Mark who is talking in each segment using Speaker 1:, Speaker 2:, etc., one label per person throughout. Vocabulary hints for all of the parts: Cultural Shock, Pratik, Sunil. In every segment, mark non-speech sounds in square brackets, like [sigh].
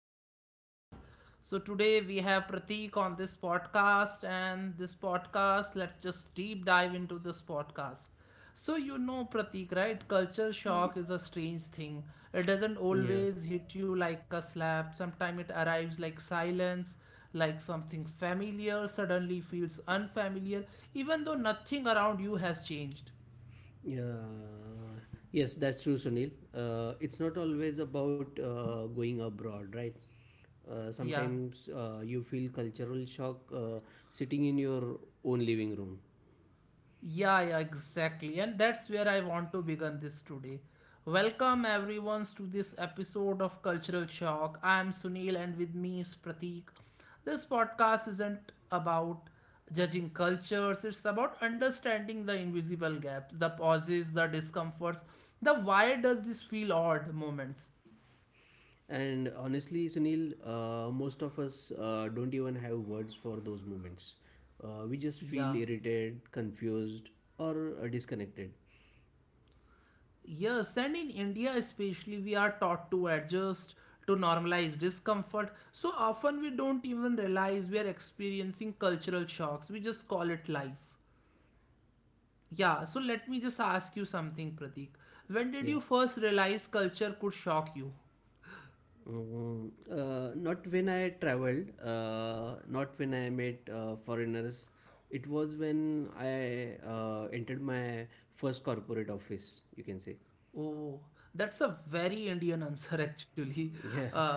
Speaker 1: the podcast. So today we have Pratik on this podcast and this podcast, let's just deep dive into this podcast. So you know Pratik, right? Culture
Speaker 2: Y-
Speaker 1: shock is a strange thing. It doesn't
Speaker 2: Yeah,
Speaker 1: always hit you like a slap. Sometimes it arrives like silence, like something familiar suddenly feels unfamiliar, even though nothing around you has changed.
Speaker 2: yeah, yes, that's true, Sunil. It's not always about going abroad, right?
Speaker 1: Yeah.
Speaker 2: Sometimes you feel cultural shock sitting in your own living room.
Speaker 1: Yeah, yeah, exactly. And that's where I want to begin this today. Welcome everyone to this episode of Cultural Shock. I am Sunil and with me is Pratik. This podcast isn't about judging cultures, it's about understanding the invisible gaps, the pauses, the discomforts, the why does this feel odd moments.
Speaker 2: And honestly, Sunil, most of us don't even have words for those moments. We just feel
Speaker 1: Yeah.
Speaker 2: irritated, confused, or disconnected.
Speaker 1: Yes, and in India especially, we are taught to adjust, to normalize discomfort. So often we don't even realize we are experiencing cultural shocks. We just call it life. Yeah, so let me just ask you something, Pratik. When did you
Speaker 2: Yeah.
Speaker 1: first realize culture could shock you?
Speaker 2: Not when I traveled, not when I met foreigners. It was when I entered my first corporate office, you can say. [laughs]
Speaker 1: Oh, that's a very Indian answer, [laughs] actually.
Speaker 2: Yeah.
Speaker 1: Uh,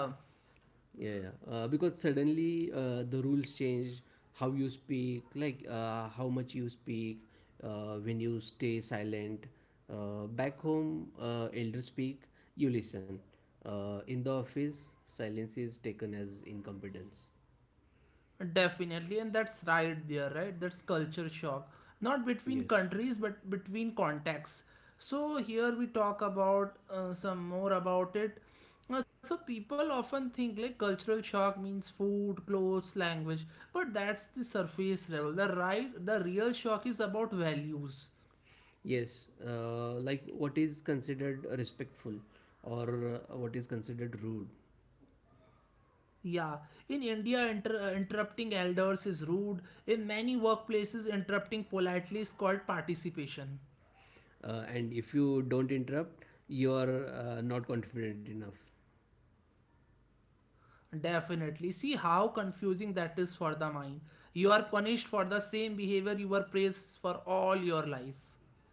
Speaker 2: Yeah, yeah. Because suddenly the rules change: how you speak, like how much you speak, when you stay silent. Back home, elders speak, you listen. In the office, silence is taken as incompetence.
Speaker 1: Definitely, and that's right there, right? That's culture shock. Not between
Speaker 2: Yes,
Speaker 1: countries, but between contexts. So here we talk about some more about it. So people often think like cultural shock means food, clothes, language, but that's the surface level. The right, the real shock is about values.
Speaker 2: yes. Like what is considered respectful or what is considered rude.
Speaker 1: Yeah, in India, interrupting elders is rude. In many workplaces, interrupting politely is called participation.
Speaker 2: And if you don't interrupt, you are not confident enough.
Speaker 1: Definitely. See how confusing that is for the mind. You are punished for the same behavior you were praised for all your life.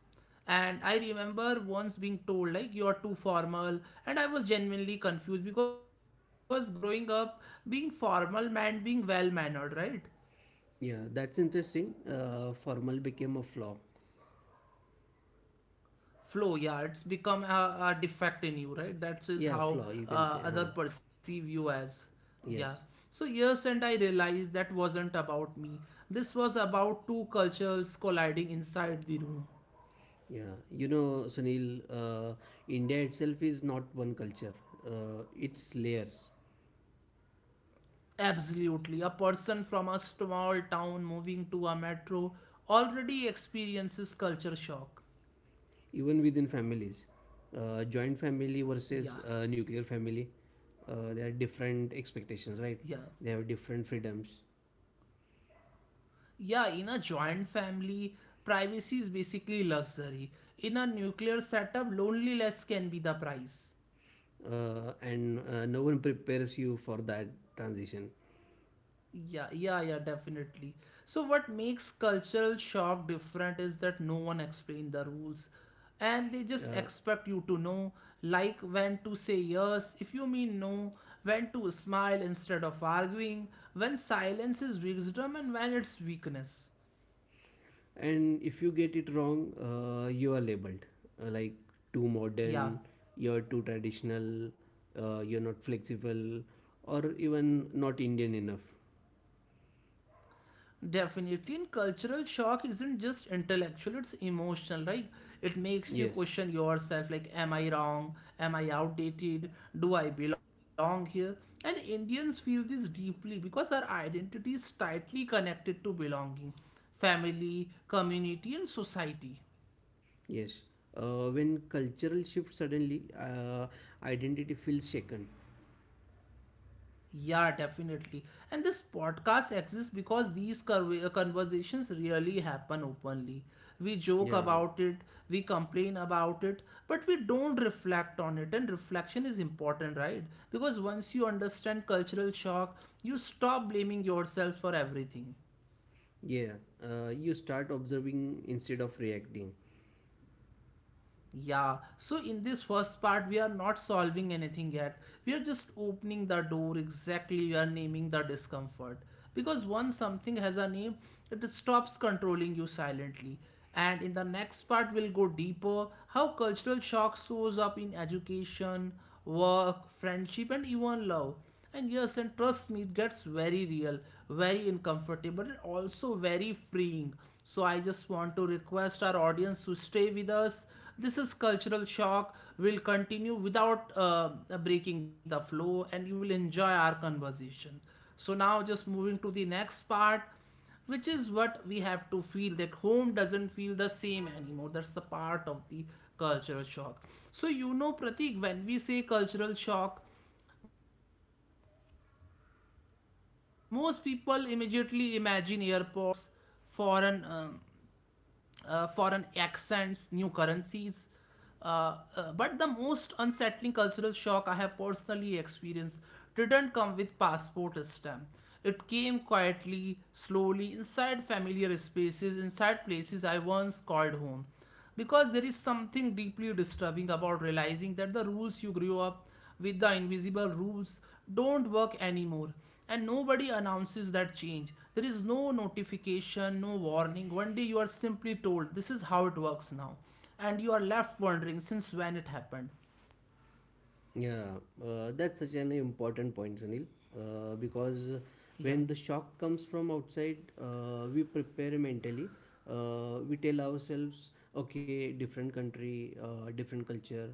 Speaker 1: And I remember once being told, like, you are too formal. And I was genuinely confused because growing up, being formal meant being well mannered, right?
Speaker 2: Yeah, that's interesting. Formal became a flaw.
Speaker 1: Flow, yeah, it's become a defect in you, right? That is how
Speaker 2: Yeah, flaw, you can say,
Speaker 1: other
Speaker 2: huh?
Speaker 1: perceive you as, yeah. So
Speaker 2: Yes.
Speaker 1: years and I realized that wasn't about me, this was about two cultures colliding inside the room.
Speaker 2: Yeah. You know, Sunil, India itself is not one culture, it's layers.
Speaker 1: Absolutely, a person from a small town moving to a metro already experiences culture shock.
Speaker 2: Even within families, joint family versus
Speaker 1: Yeah.
Speaker 2: nuclear family. There are different expectations,
Speaker 1: Yeah.
Speaker 2: right? They have different freedoms.
Speaker 1: Yeah, in a joint family, privacy is basically luxury. In a nuclear setup, loneliness can be the price.
Speaker 2: And no one prepares you for that transition.
Speaker 1: Yeah, yeah, yeah, definitely. So, what makes cultural shock different is that no one explained the rules and they just
Speaker 2: uh,
Speaker 1: expect you to know, like when to say yes if you mean no, when to smile instead of arguing, when silence is wisdom and when it's weakness.
Speaker 2: and if you get it wrong, you are labeled, like, too
Speaker 1: Yeah.
Speaker 2: modern, you're too traditional, you're not flexible, or even not Indian enough.
Speaker 1: Definitely, and cultural shock isn't just intellectual, it's emotional. Like, it makes you
Speaker 2: Yes.
Speaker 1: question yourself like, am I wrong? Am I outdated? Do I belong here? And Indians feel this deeply because our identity is tightly connected to belonging, family, community, and society.
Speaker 2: Yes, when cultural shift suddenly, identity feels shaken.
Speaker 1: Yeah, definitely. And this podcast exists because these conversations really happen openly. We joke
Speaker 2: Yeah,
Speaker 1: about it, we complain about it, but we don't reflect on it. And reflection is important, right? Because once you understand cultural shock, you stop blaming yourself for everything.
Speaker 2: yeah. You start observing instead of reacting.
Speaker 1: Yeah, so in this first part, we are not solving anything yet. We are just opening the door exactly. We are naming the discomfort. Because once something has a name, it stops controlling you silently. And in the next part, we'll go deeper how cultural shock shows up in education, work, friendship, and even love. And yes, and trust me, it gets very real, very uncomfortable, and also very freeing. So I just want to request our audience to stay with us. This is Cultural Shock. We'll continue without breaking the flow, and you will enjoy our conversation. So now, just moving to the next part, which is what we have to feel that home doesn't feel the same anymore. That's the part of the cultural shock. So you know, Pratik, when we say cultural shock most people immediately imagine airports, foreign um, foreign accents, new currencies. But the most unsettling cultural shock I have personally experienced didn't come with passport stamp. It came quietly, slowly, inside familiar spaces, inside places I once called home because there is something deeply disturbing about realizing that the rules you grew up with the invisible rules don't work anymore, and nobody announces that change. There is no notification, no warning, one day you are simply told this is how it works now, and you are left wondering
Speaker 2: Yeah,
Speaker 1: since when it happened.
Speaker 2: that's such an important point, Sunil. Because when the shock comes from outside,
Speaker 1: Yeah,
Speaker 2: we prepare mentally. We tell ourselves, okay, different country, different culture.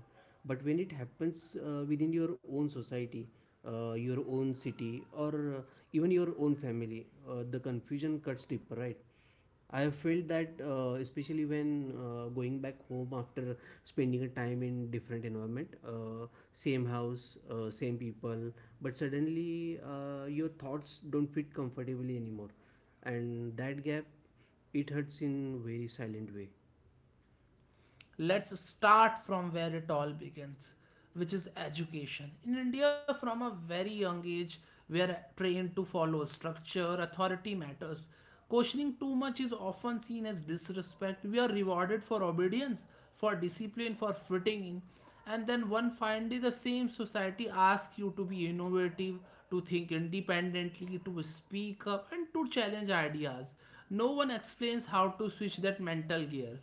Speaker 2: But when it happens within your own society, your own city, or uh, even your own family, the confusion cuts deeper, right? I have felt that, especially when going back home after spending a time in different environment, same house, same people, but suddenly your thoughts don't fit comfortably anymore, and that gap, it hurts in very silent way.
Speaker 1: let's start from where it all begins, which is education in India. From a very young age we are trained to follow structure, authority matters, questioning too much is often seen as disrespect. We are rewarded for obedience, for discipline, for fitting in, and then one fine day the same society asks you to be innovative, to think independently, to speak up and to challenge ideas. No one explains how to switch that mental gear.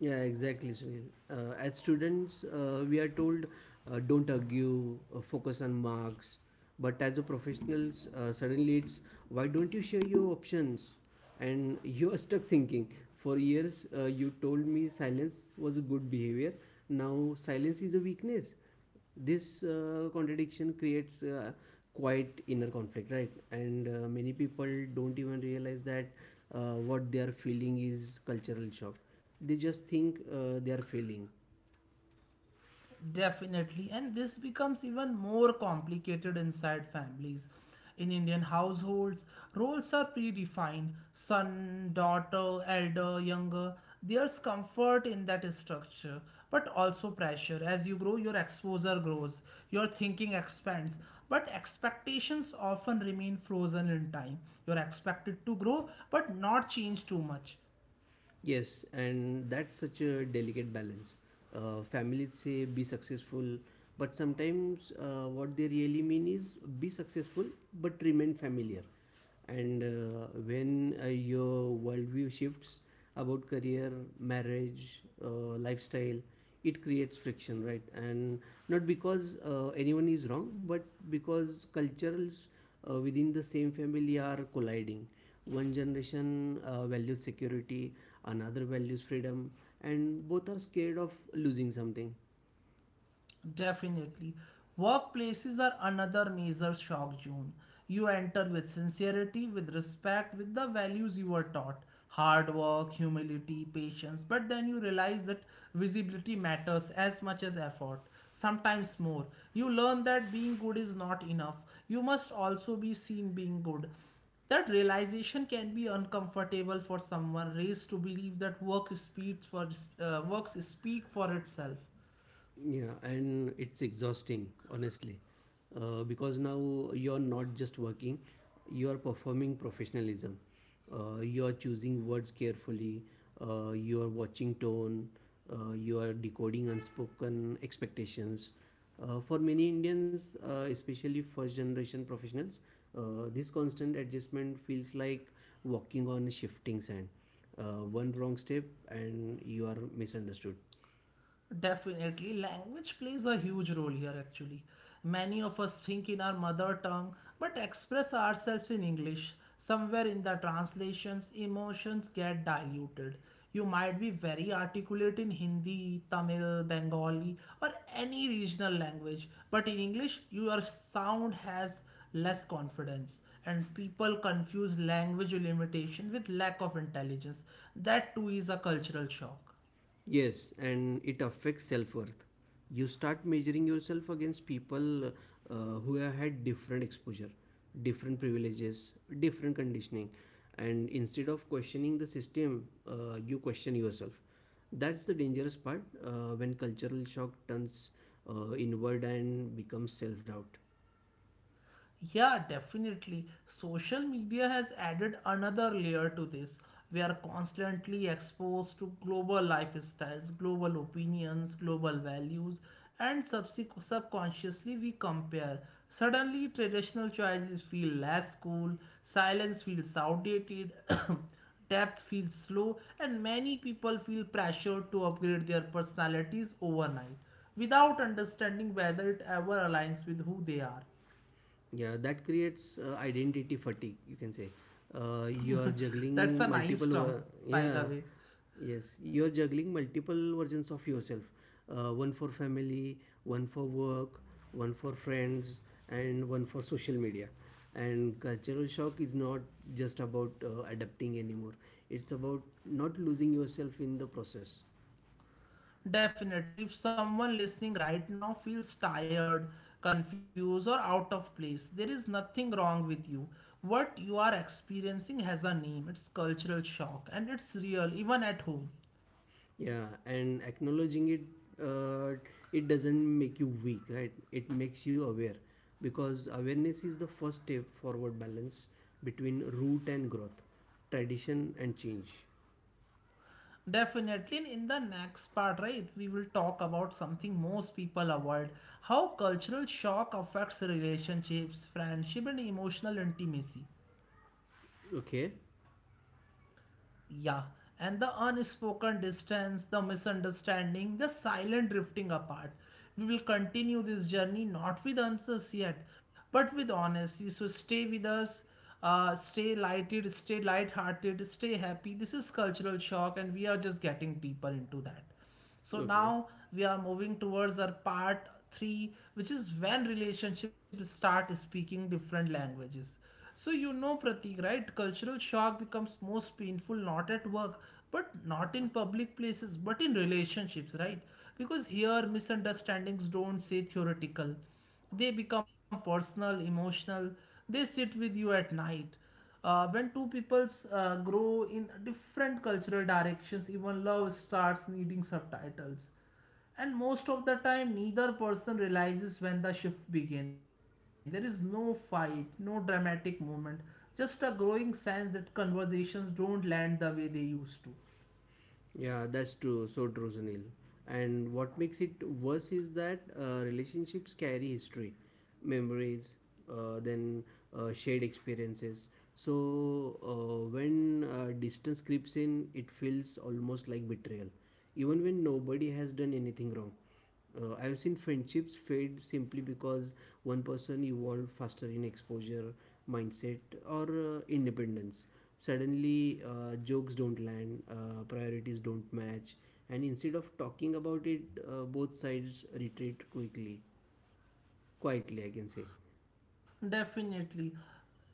Speaker 2: Yeah, exactly, Sunil. As students, we are told, don't argue, focus on marks. But as a professionals, suddenly it's, why don't you share your options? And [laughs] you are stuck thinking. For years, you told me silence was a good behavior. Now silence is a weakness. This contradiction creates quite inner conflict, right? And many people don't even realize that what they are feeling is cultural shock. They just think they are failing.
Speaker 1: Definitely. And this becomes even more complicated inside families. In Indian households, roles are predefined son, daughter, elder, younger. There's comfort in that structure, but also pressure. As you grow, your exposure grows, your thinking expands, but expectations often remain frozen in time. You're expected to grow, but not change too much.
Speaker 2: Yes, and that's such a delicate balance. Families say, be successful, but sometimes what they really mean is, be successful but remain familiar. And when your worldview shifts about career, marriage, lifestyle, it creates friction, right? And not because anyone is wrong, but because cultures within the same family are colliding. One generation values security, another values freedom, and both are scared of losing something.
Speaker 1: Definitely. Workplaces are another major shock, June. You enter with sincerity, with respect, with the values you were taught hard work, humility, patience. But then you realize that visibility matters as much as effort, sometimes more. You learn that being good is not enough. You must also be seen being good. That realization can be uncomfortable for someone raised to believe that work speaks for works speak for itself.
Speaker 2: Yeah, and it's exhausting, honestly, because now you're not just working, you are performing professionalism. You are choosing words carefully, you are watching tone, you are decoding unspoken expectations. For many Indians, especially first generation professionals, this constant adjustment feels like walking on shifting sand. One wrong step, and you are misunderstood.
Speaker 1: Definitely, language plays a huge role here actually. Many of us think in our mother tongue but express ourselves in English. Somewhere in the translations, emotions get diluted. You might be very articulate in Hindi, Tamil, Bengali, or any regional language, but in English, your sound has less confidence, and people confuse language limitation with lack of intelligence. That too is a cultural shock.
Speaker 2: Yes, and it affects self worth. You start measuring yourself against people who have had different exposure, different privileges, different conditioning, and instead of questioning the system, you question yourself. That's the dangerous part, when cultural shock turns inward and becomes self doubt.
Speaker 1: Yeah, definitely. Social media has added another layer to this. We are constantly exposed to global lifestyles, global opinions, global values, and subconsciously we compare. Suddenly, traditional choices feel less cool, silence feels outdated, [coughs] depth feels slow, and many people feel pressured to upgrade their personalities overnight without understanding whether it ever aligns with who they are.
Speaker 2: Yeah, that creates identity fatigue, you can say. You're
Speaker 1: That's a
Speaker 2: juggling
Speaker 1: nice
Speaker 2: multiple,
Speaker 1: term, by
Speaker 2: yeah,
Speaker 1: the way.
Speaker 2: yes, you're juggling multiple versions of yourself. One for family, one for work, one for friends, and one for social media. And cultural shock is not just about adapting anymore, it's about not losing yourself in the process.
Speaker 1: Definitely, if someone listening right now feels tired, confused, or out of place, there is nothing wrong with you. What you are experiencing has a name. It's cultural shock and it's real, even at home.
Speaker 2: Yeah, and acknowledging it, uh, it doesn't make you weak, right? It makes you aware because awareness is the first step forward balance between root and growth, tradition and change.
Speaker 1: Definitely, and in the next part, right, we will talk about something most people avoid how cultural shock affects relationships, friendship, and emotional intimacy.
Speaker 2: Okay,
Speaker 1: Yeah, and the unspoken distance, the misunderstanding, the silent drifting apart. We will continue this journey not with answers yet, but with honesty. So stay with us, stay lighted, stay light-hearted, stay happy. This is cultural shock, and we are just getting deeper into that. So
Speaker 2: okay.
Speaker 1: now we are moving towards our part three, which is when relationships start speaking different languages. So you know, Pratik, right? Cultural shock becomes most painful not at work, but not in public places, but in relationships, right? Because here misunderstandings don't say theoretical. They become personal, emotional. They sit with you at night when two peoples grow in different cultural directions, even love starts needing subtitles, and most of the time neither person realizes when the shift began. There is no fight, no dramatic moment, just a growing sense that conversations don't land the way they used to.
Speaker 2: Yeah, that's true. So true, Sunil. And what makes it worse is that relationships carry history, memories, then shared experiences. So when distance creeps in, it feels almost like betrayal, even when nobody has done anything wrong. I have seen friendships fade simply because one person evolved faster in exposure, mindset, or independence. Suddenly, jokes don't land, priorities don't match, and instead of talking about it, both sides retreat quickly, quietly, I can say.
Speaker 1: Definitely.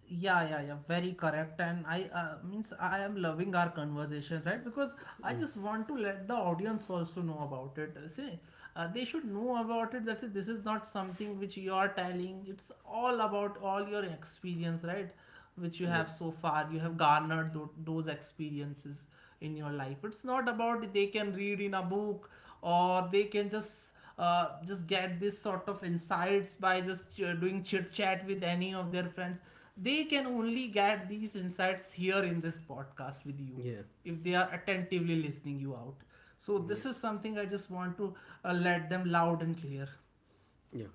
Speaker 1: Yeah, yeah, yeah. Very correct. And I means I am loving our conversation, right? Because
Speaker 2: Mm.
Speaker 1: I just want to let the audience also know about it. See, they should know about it. That this is not something which you are telling. It's all about all your experience, right? Which you
Speaker 2: Yes.
Speaker 1: have so far you have garnered those experiences in your life. It's not about they can read in a book, or they can just get this sort of insights by just doing chit chat with any of their friends. They can only get these insights here in this podcast with you,
Speaker 2: Yeah.
Speaker 1: if they are attentively listening you out. So
Speaker 2: Yes.
Speaker 1: this is something I just want to let them loud and clear.
Speaker 2: Yeah.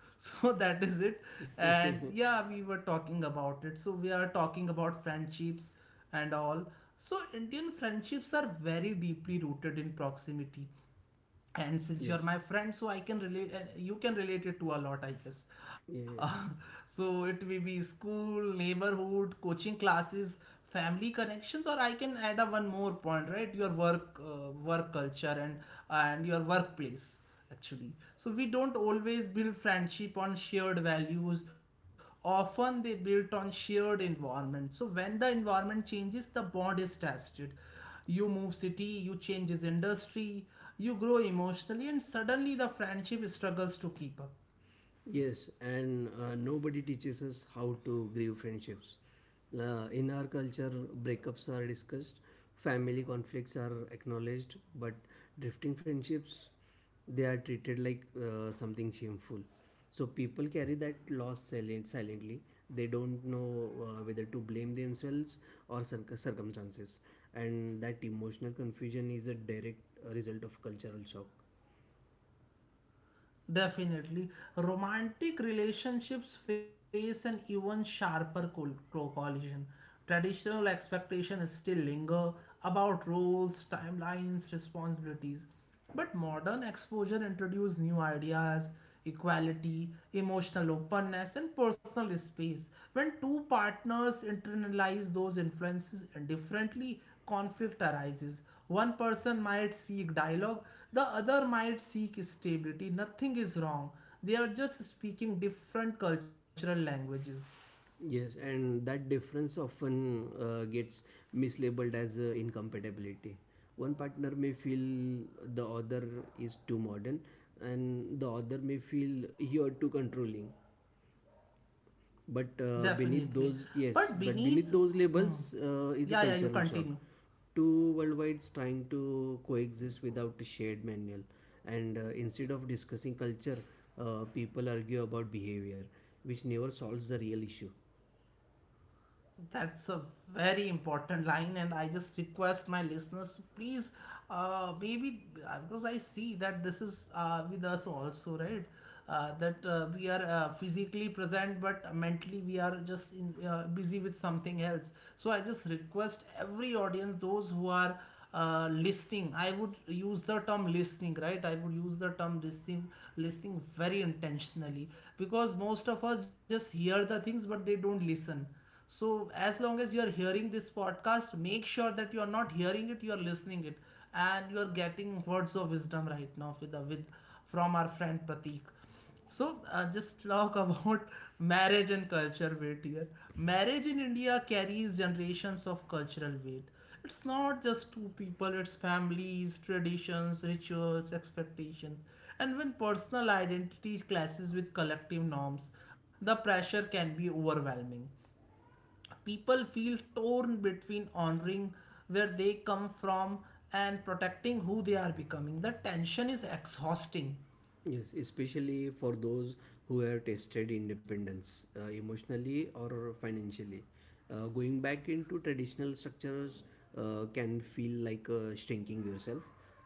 Speaker 1: [laughs] So that is it. And
Speaker 2: [laughs]
Speaker 1: yeah, we were talking about it, so we are talking about friendships and all. So Indian friendships are very deeply rooted in proximity, and
Speaker 2: Yes.
Speaker 1: since you're my friend, so I can relate and you can relate it to a lot, I guess.
Speaker 2: Yeah.
Speaker 1: Uh, [laughs] so it may be school, neighborhood, coaching classes, family connections, or I can add a one more point, right? Your work, work culture, and your workplace, actually. So we don't always build friendship on shared values. Often they built on shared environment. So when the environment changes, the bond is tested. You move city, you changes industry, you grow emotionally, and suddenly the friendship struggles to keep up.
Speaker 2: Yes, and nobody teaches us how to grieve friendships. In our culture, breakups are discussed, family conflicts are acknowledged, but drifting friendships, they are treated like something shameful. So people carry that loss silent, silently. They don't know whether to blame themselves or circumstances, and that emotional confusion is a direct result of cultural shock.
Speaker 1: Definitely. Romantic relationships face an even sharper collision. Traditional expectations still linger about roles, timelines, responsibilities. But modern exposure introduces new ideas, equality, emotional openness, and personal space. When two partners internalize those influences differently, conflict arises. One person might seek dialogue, the other might seek stability. Nothing is wrong. They are just speaking different cultural languages.
Speaker 2: Yes, and that difference often gets mislabeled as incompatibility. One partner may feel the other is too modern, and the other may feel you're too controlling.
Speaker 1: Definitely. But
Speaker 2: Yes, but
Speaker 1: beneath.
Speaker 2: beneath those
Speaker 1: Hmm.
Speaker 2: labels
Speaker 1: Yeah, yeah,
Speaker 2: is a
Speaker 1: you
Speaker 2: cultural
Speaker 1: continue.
Speaker 2: shock. Two worldwides trying to coexist without a shared manual, and instead of discussing culture, people argue about behavior, which never solves the real issue.
Speaker 1: That's a very important line, and I just request my listeners to please, maybe because I see that this is with us also, right? That we are physically present, but mentally we are just in, busy with something else. So I just request every audience, those who are listening, I would use the term listening, right? I would use the term listening, listening very intentionally, because most of us just hear the things, but they don't listen. So as long as you are hearing this podcast, make sure that you are not hearing it, you are listening it. And you are getting words of wisdom right now with from our friend Pratik. So just talk about [laughs] marriage and culture weight here. Marriage in India carries generations of cultural weight. It's not just two people, it's families, traditions, rituals, expectations. And when personal identity clashes with collective norms, the pressure can be overwhelming. People feel torn between honoring where they come from and protecting who they are becoming. The tension is exhausting.
Speaker 2: Yes, especially for those who have tasted independence, emotionally or financially. Going back into traditional structures can feel like shrinking yourself,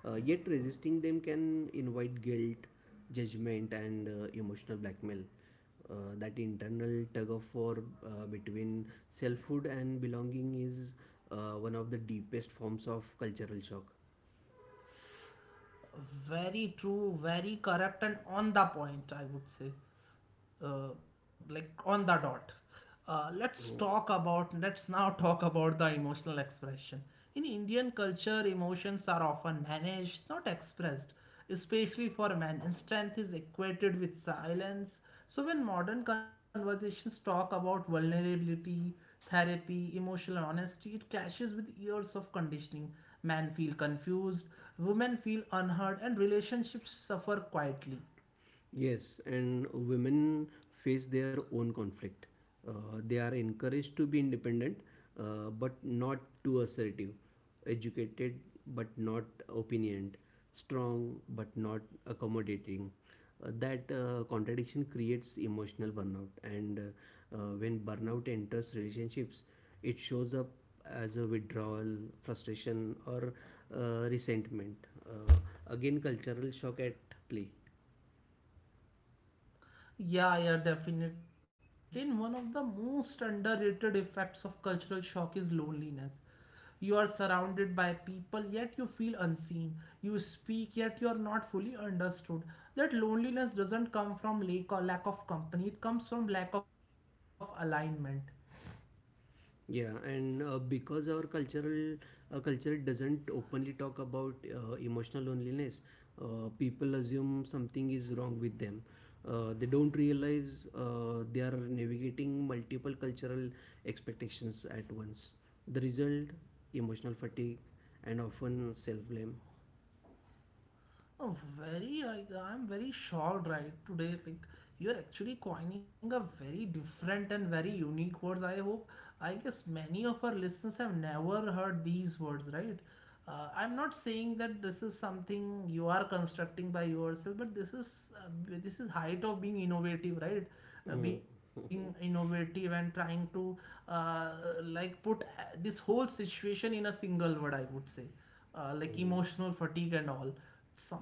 Speaker 2: yet resisting them can invite guilt, judgment, and emotional blackmail. That internal tug of war between selfhood and belonging is one of the deepest forms of cultural shock.
Speaker 1: Very true, very correct, and on the point, I would say. Like on the dot. Let's
Speaker 2: Mm.
Speaker 1: talk about, let's now talk about the emotional expression. In Indian culture, emotions are often managed, not expressed, especially for men, and strength is equated with silence. So when modern conversations talk about vulnerability, therapy, emotional honesty, it clashes with years of conditioning. Men feel confused, women feel unheard, and relationships suffer quietly.
Speaker 2: Yes, and women face their own conflict. Uh, they are encouraged to be independent, but not too assertive, educated, but not opinioned, strong, but not accommodating. That contradiction creates emotional burnout, and when burnout enters relationships, it shows up as a withdrawal, frustration, or resentment. Uh, Again, cultural shock at play.
Speaker 1: Yeah, yeah, definitely. And one of the most underrated effects of cultural shock is loneliness. You are surrounded by people, yet you feel unseen. You speak, yet you are not fully understood. That loneliness doesn't come from lack or lack of company, it comes from lack of alignment.
Speaker 2: Yeah, and because our cultural culture doesn't openly talk about emotional loneliness, people assume something is wrong with them. They don't realize they are navigating multiple cultural expectations at once. The result: emotional fatigue and often self blame.
Speaker 1: Oh, very, I, I'm very shocked right today. Like, you're actually coining a very different and very unique words. I hope, I guess many of our listeners have never heard these words, right? I'm not saying that this is something you are constructing by yourself, but this is height of being innovative, right?
Speaker 2: [laughs]
Speaker 1: Being innovative and trying to uh, like put this whole situation in a single word, I would say,
Speaker 2: Mm.
Speaker 1: like
Speaker 2: Mm.
Speaker 1: emotional fatigue and all,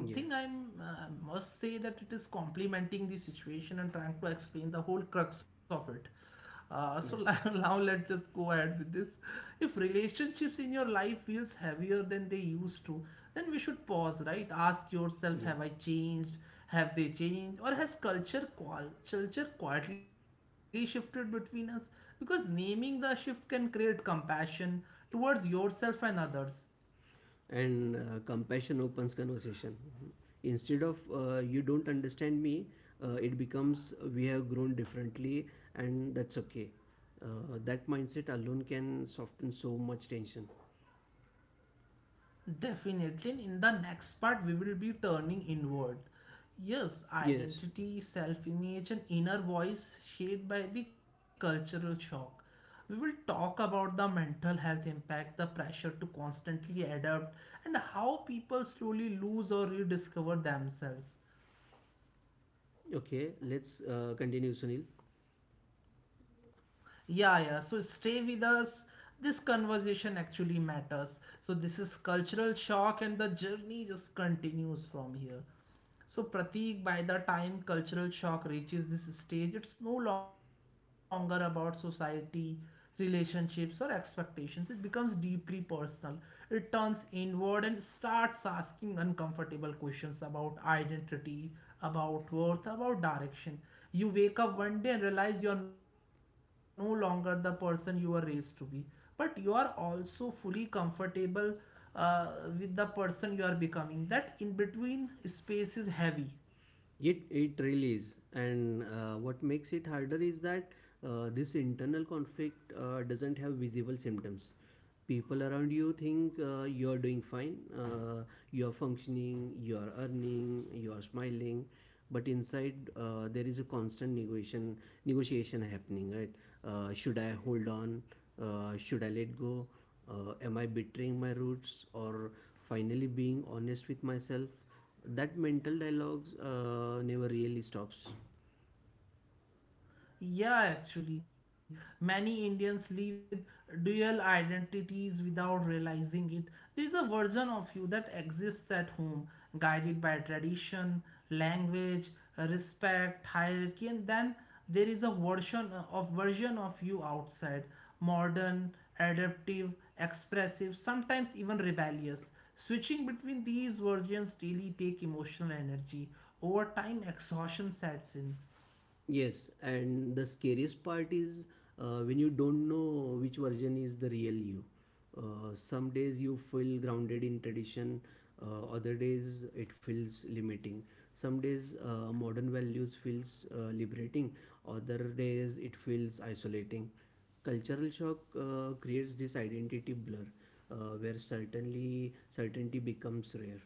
Speaker 2: Yeah,
Speaker 1: I'm must say that it is complementing the situation and trying to explain the whole crux of it. So
Speaker 2: yes,
Speaker 1: [laughs] now let's just go ahead with this. If relationships in your life feels heavier than they used to, then we should pause, right? Ask yourself,
Speaker 2: yeah.
Speaker 1: have I changed, have they changed, or has culture culture quietly shifted between us? Because naming the shift can create compassion towards yourself and others.
Speaker 2: And compassion opens conversation. Instead of you don't understand me, it becomes, we have grown differently, and that's okay. uh, that mindset alone can soften so much tension.
Speaker 1: Definitely. In the next part, we will be turning inward. Yes,
Speaker 2: Yes.
Speaker 1: identity, self image, and inner voice shaped by the cultural shock. We will talk about the mental health impact, the pressure to constantly adapt, and how people slowly lose or rediscover themselves.
Speaker 2: Okay, let's continue, Sunil.
Speaker 1: Yeah, yeah. So stay with us. This conversation actually matters. So this is cultural shock, and the journey just continues from here. So Pratik, by the time cultural shock reaches this stage, it's no longer about society, relationships, or expectations. It becomes deeply personal. It turns inward and starts asking uncomfortable questions about identity, about worth, about direction. You wake up one day and realize you are no longer the person you were raised to be, but you are also fully comfortable uh, with the person you are becoming. That in between space is heavy.
Speaker 2: It really is, and what makes it harder is that this internal conflict doesn't have visible symptoms. People around you think you're doing fine, you're functioning, you're earning, you're smiling, but inside there is a constant negotiation happening. Right? Should I hold on? Should I let go? Am I betraying my roots or finally being honest with myself? That mental dialogues never really stops.
Speaker 1: Yeah, actually, many Indians live with dual identities without realizing it. There is a version of you that exists at home, guided by tradition, language, respect, hierarchy, and then there is a version of you outside, modern, adaptive, expressive, sometimes even rebellious. Switching between these versions daily take emotional energy. Over time, exhaustion sets in.
Speaker 2: Yes, and the scariest part is when you don't know which version is the real you. Some days you feel grounded in tradition, other days it feels limiting. Some days modern values feels liberating, other days it feels isolating. Cultural shock creates this identity blur, where certainly certainty becomes rare.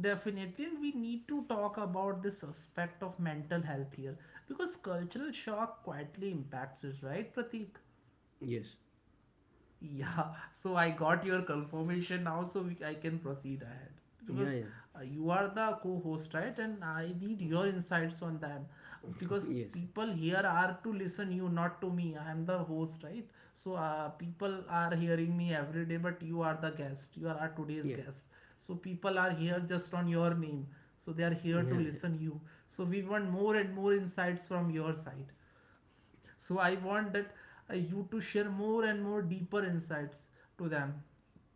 Speaker 1: Definitely, and we need to talk about this aspect of mental health here, because cultural shock quietly impacts it, right, Pratik?
Speaker 2: Yes.
Speaker 1: Yeah, so I got your confirmation now, so I can proceed ahead,
Speaker 2: Yeah,
Speaker 1: because
Speaker 2: yeah.
Speaker 1: you are the co-host, right? And I need your insights on them,
Speaker 2: [laughs]
Speaker 1: because
Speaker 2: Yes,
Speaker 1: people here are to listen you, not to me. I am the host, right? So people are hearing me every day, but you are the guest. You are our today's
Speaker 2: yeah,
Speaker 1: guest. So people are here just on your name. So they are here to
Speaker 2: yeah.
Speaker 1: listen you. So we want more and more insights from your side. So I want that you to share more and more deeper insights to them.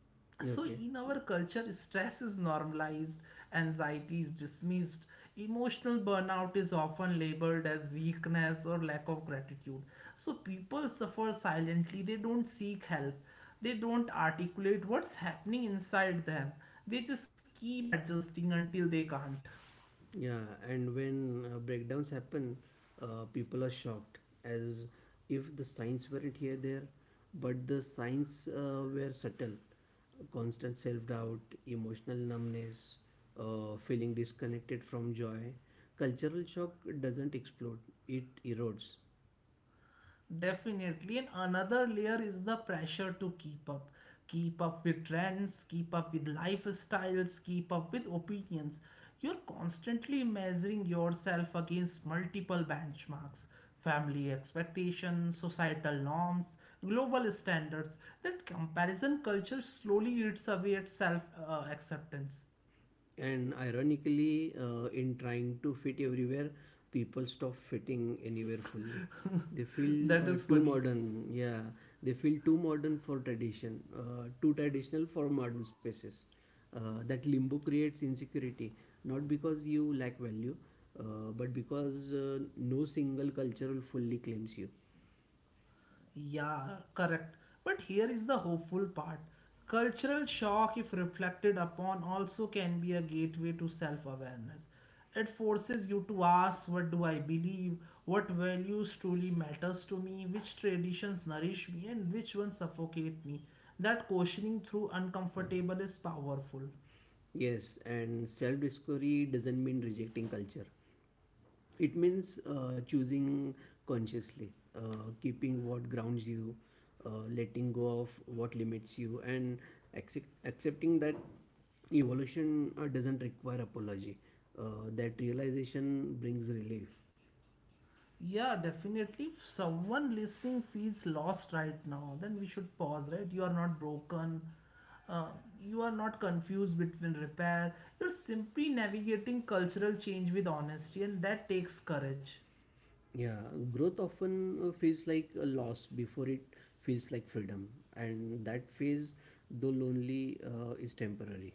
Speaker 2: [laughs] Yeah.
Speaker 1: So
Speaker 2: Okay.
Speaker 1: in our culture stress is normalized, anxiety is dismissed, emotional burnout is often labeled as weakness or lack of gratitude. So people suffer silently, they don't seek help, they don't articulate what's happening inside them, they just keep adjusting until they can't.
Speaker 2: Yeah, and when breakdowns happen, people are shocked, as if the signs weren't here there. But the signs were subtle: constant self-doubt, emotional numbness, feeling disconnected from joy. Cultural shock doesn't explode, it erodes.
Speaker 1: Definitely. And another layer is the pressure to keep up. Keep up with trends, keep up with lifestyles, keep up with opinions. You're constantly measuring yourself against multiple benchmarks, family expectations, societal norms, global standards. That comparison culture slowly eats away at self acceptance.
Speaker 2: And ironically, in trying to fit everywhere, people stop fitting anywhere fully. They
Speaker 1: [laughs]
Speaker 2: feel
Speaker 1: That is
Speaker 2: too
Speaker 1: funny.
Speaker 2: modern, yeah. They feel too modern for tradition, too traditional for modern spaces. That limbo creates insecurity, not because you lack value, but because no single cultural fully claims you.
Speaker 1: Yeah, correct. But here is the hopeful part. Cultural shock, if reflected upon, also can be a gateway to self awareness. It forces you to ask what do I believe, what values truly matters to me, which traditions nourish me, and which ones suffocate me. That questioning through uncomfortable is powerful.
Speaker 2: Yes, and self discovery doesn't mean rejecting culture. It means choosing consciously, keeping what grounds you, letting go of what limits you, and accepting that evolution doesn't require apology. That realization brings relief.
Speaker 1: Yeah, definitely. If someone listening feels lost right now, then we should pause, right? You are not broken. Uh, you are not confused between repair. You're simply navigating cultural change with honesty, and that takes courage.
Speaker 2: Yeah, growth often feels like a loss before it feels like freedom, and that phase, though lonely, is temporary.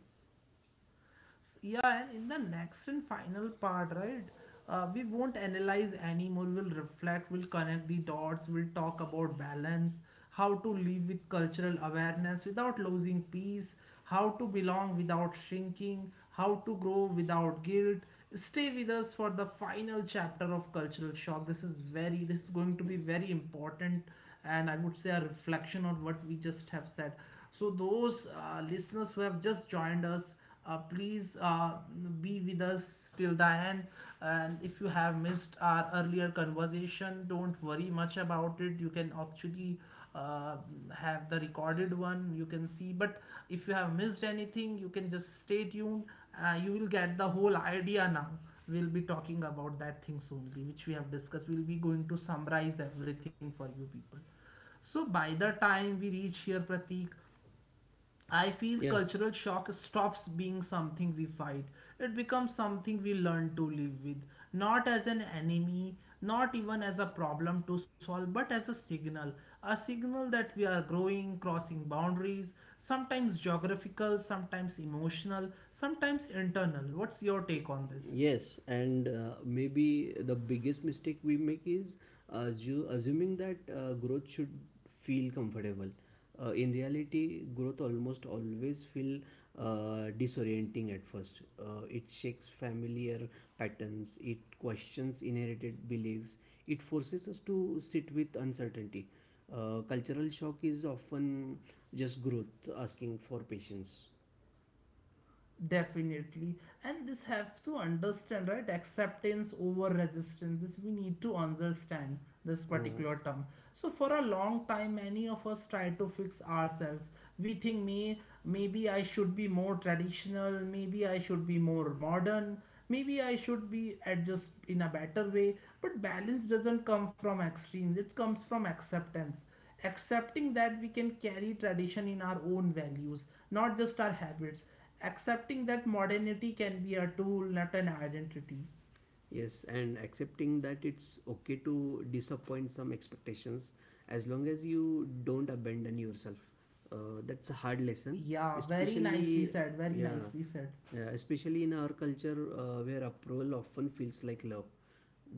Speaker 1: Yeah, and in the next and final part, right? We won't analyze anymore. We'll reflect, we'll connect the dots, we'll talk about balance, how to live with cultural awareness without losing peace, how to belong without shrinking, how to grow without guilt. Stay with us for the final chapter of Cultural Shock. This is very, this is going to be very important, and I would say a reflection on what we just have said. So those listeners who have just joined us, please be with us till the end. And if you have missed our earlier conversation, don't worry much about it. You can actually uh, have the recorded one, you can see. But if you have missed anything, you can just stay tuned. You will get the whole idea now. We'll be talking about that things only, which we have discussed. We'll be going to summarize everything for you people. So by the time we reach here, Pratik, I feel
Speaker 2: Yeah.
Speaker 1: cultural shock stops being something we fight. It becomes something we learn to live with, not as an enemy, not even as a problem to solve, but as a signal. A signal that we are growing, crossing boundaries, sometimes geographical, sometimes emotional, sometimes internal. What's your take on this?
Speaker 2: Yes, and maybe the biggest mistake we make is assuming that growth should feel comfortable. In reality, growth almost always feel disorienting at first. It shakes familiar patterns, it questions inherited beliefs, it forces us to sit with uncertainty. Cultural shock is often just growth asking for patience.
Speaker 1: Definitely. And this have to understand, right? Acceptance over resistance, this we need to understand, this
Speaker 2: Uh,
Speaker 1: particular term. So for a long time many of us try to fix ourselves. We think, me maybe I should be more traditional, maybe I should be more modern, maybe I should be adjust in a better way. But balance doesn't come from extremes, it comes from acceptance. Accepting that we can carry tradition in our own values, not just our habits. Accepting that modernity can be a tool, not an identity.
Speaker 2: Yes, and accepting that it's okay to disappoint some expectations as long as you don't abandon yourself. That's a hard lesson,
Speaker 1: Yeah, very
Speaker 2: especially,
Speaker 1: nicely said, very
Speaker 2: yeah,
Speaker 1: nicely said.
Speaker 2: yeah, especially in our culture where approval often feels like love.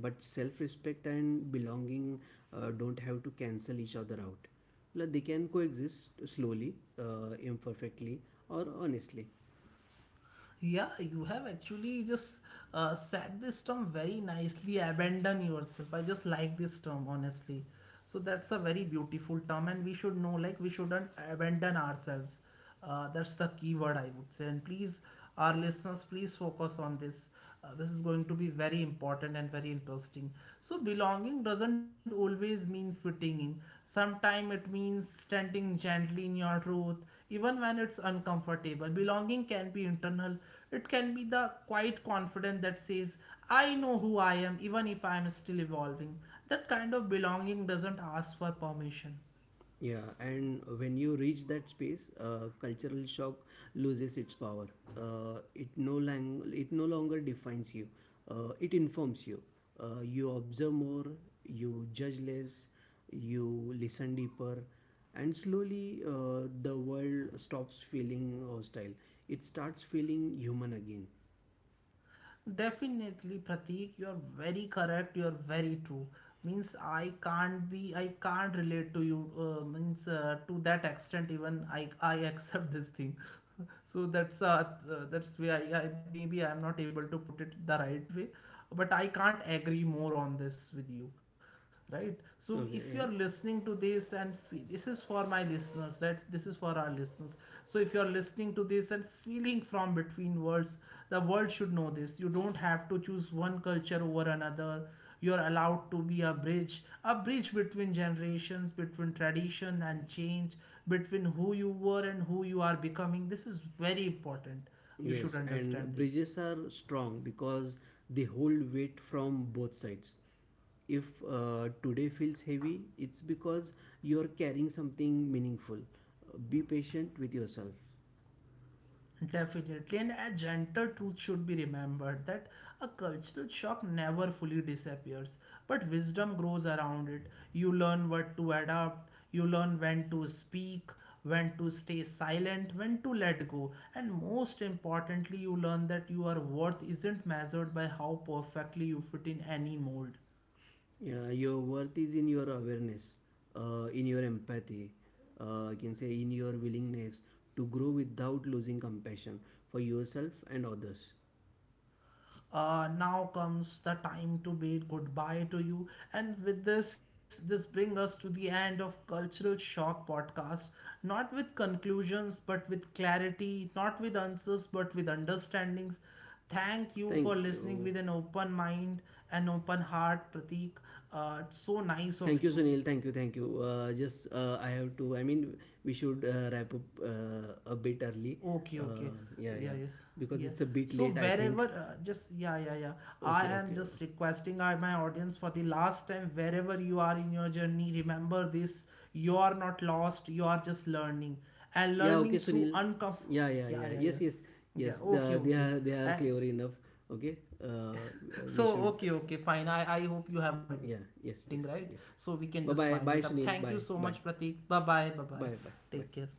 Speaker 2: But self-respect and belonging don't have to cancel each other out. Like, they can coexist slowly, imperfectly, or honestly.
Speaker 1: Yeah, you have actually just said this term very nicely. Abandon yourself. I just like this term, honestly. So that's a very beautiful term, and we should know like we shouldn't abandon ourselves. That's the key word I would say. And please, our listeners, please focus on this. This is going to be very important and very interesting. So belonging doesn't always mean fitting in. Sometimes it means standing gently in your truth, even when it's uncomfortable. Belonging can be internal, it can be the quiet confidence that says, I know who I am, even if I am still evolving. That kind of belonging doesn't ask for permission.
Speaker 2: Yeah, and when you reach that space, cultural shock loses its power. It it no longer defines you. It informs you. You observe more, you judge less, you listen deeper, and slowly the world stops feeling hostile. It starts feeling human again.
Speaker 1: Definitely, Pratik, you're very correct. You're very true. Means I can't be, I can't relate to you. Means to that extent, even I [laughs] accept this thing. [laughs] So that's why I maybe I'm not able to put it the right way, but I can't agree more on this with you, right? So
Speaker 2: Okay,
Speaker 1: if you
Speaker 2: yeah.
Speaker 1: are listening to this, and this is for my listeners, right? This is for our listeners. So if you are listening to this and feeling from between worlds, the world should know this. You don't have to choose one culture over another. You're allowed to be a bridge between generations, between tradition and change, between who you were and who you are becoming. This is very important. You should
Speaker 2: Yes,
Speaker 1: understand
Speaker 2: and
Speaker 1: this.
Speaker 2: bridges are strong because they hold weight from both sides. If today feels heavy, it's because you're carrying something meaningful. Be patient with yourself.
Speaker 1: Definitely, and a gentle truth should be remembered, that a cultural shock never fully disappears, but wisdom grows around it. You learn what to adapt, you learn when to speak, when to stay silent, when to let go, and most importantly, you learn that your worth isn't measured by how perfectly you fit in any mold.
Speaker 2: Your worth is in your awareness, in your empathy, I can say, in your willingness to grow without losing compassion for yourself and others.
Speaker 1: Now comes the time to bid goodbye to you, and with this, this brings us to the end of cultural shock podcast, not with conclusions but with clarity, not with answers but with understandings. Thank you for
Speaker 2: Thank
Speaker 1: listening
Speaker 2: you.
Speaker 1: with an open mind and open heart, Pratik. It's so nice of
Speaker 2: Thank you,
Speaker 1: you.
Speaker 2: Sunil. Thank you. Thank you. Just I have to, I mean, we should wrap up a bit early.
Speaker 1: Okay, okay.
Speaker 2: Yeah,
Speaker 1: Yeah,
Speaker 2: yeah.
Speaker 1: yeah,
Speaker 2: Because
Speaker 1: yeah.
Speaker 2: it's a bit
Speaker 1: So
Speaker 2: late, I think.
Speaker 1: wherever, just yeah, yeah, yeah. I
Speaker 2: Okay,
Speaker 1: am
Speaker 2: okay.
Speaker 1: just requesting our my audience for the last time, wherever you are in your journey, remember this: you are not lost. You are just learning and
Speaker 2: Yeah, okay,
Speaker 1: learning through
Speaker 2: Sunil.
Speaker 1: uncom.
Speaker 2: Yeah, yeah,
Speaker 1: Yeah,
Speaker 2: yeah.
Speaker 1: yeah,
Speaker 2: Yes,
Speaker 1: yeah,
Speaker 2: yes, yes.
Speaker 1: yeah. Okay, okay.
Speaker 2: They are
Speaker 1: And
Speaker 2: clever enough. Okay, uh,
Speaker 1: [laughs]
Speaker 2: uh,
Speaker 1: so
Speaker 2: we
Speaker 1: okay,
Speaker 2: should.
Speaker 1: okay,
Speaker 2: Uh,
Speaker 1: fine. I hope you have a
Speaker 2: yeah.
Speaker 1: meeting,
Speaker 2: Yes,
Speaker 1: right?
Speaker 2: yes,
Speaker 1: So
Speaker 2: yes.
Speaker 1: we can just
Speaker 2: Bye,
Speaker 1: wind
Speaker 2: bye,
Speaker 1: it
Speaker 2: bye,
Speaker 1: up.
Speaker 2: Sunil.
Speaker 1: Thank you
Speaker 2: Bye,
Speaker 1: so
Speaker 2: bye,
Speaker 1: much, Pratik. Bye bye, bye bye.
Speaker 2: bye, bye,
Speaker 1: Take
Speaker 2: bye.
Speaker 1: care.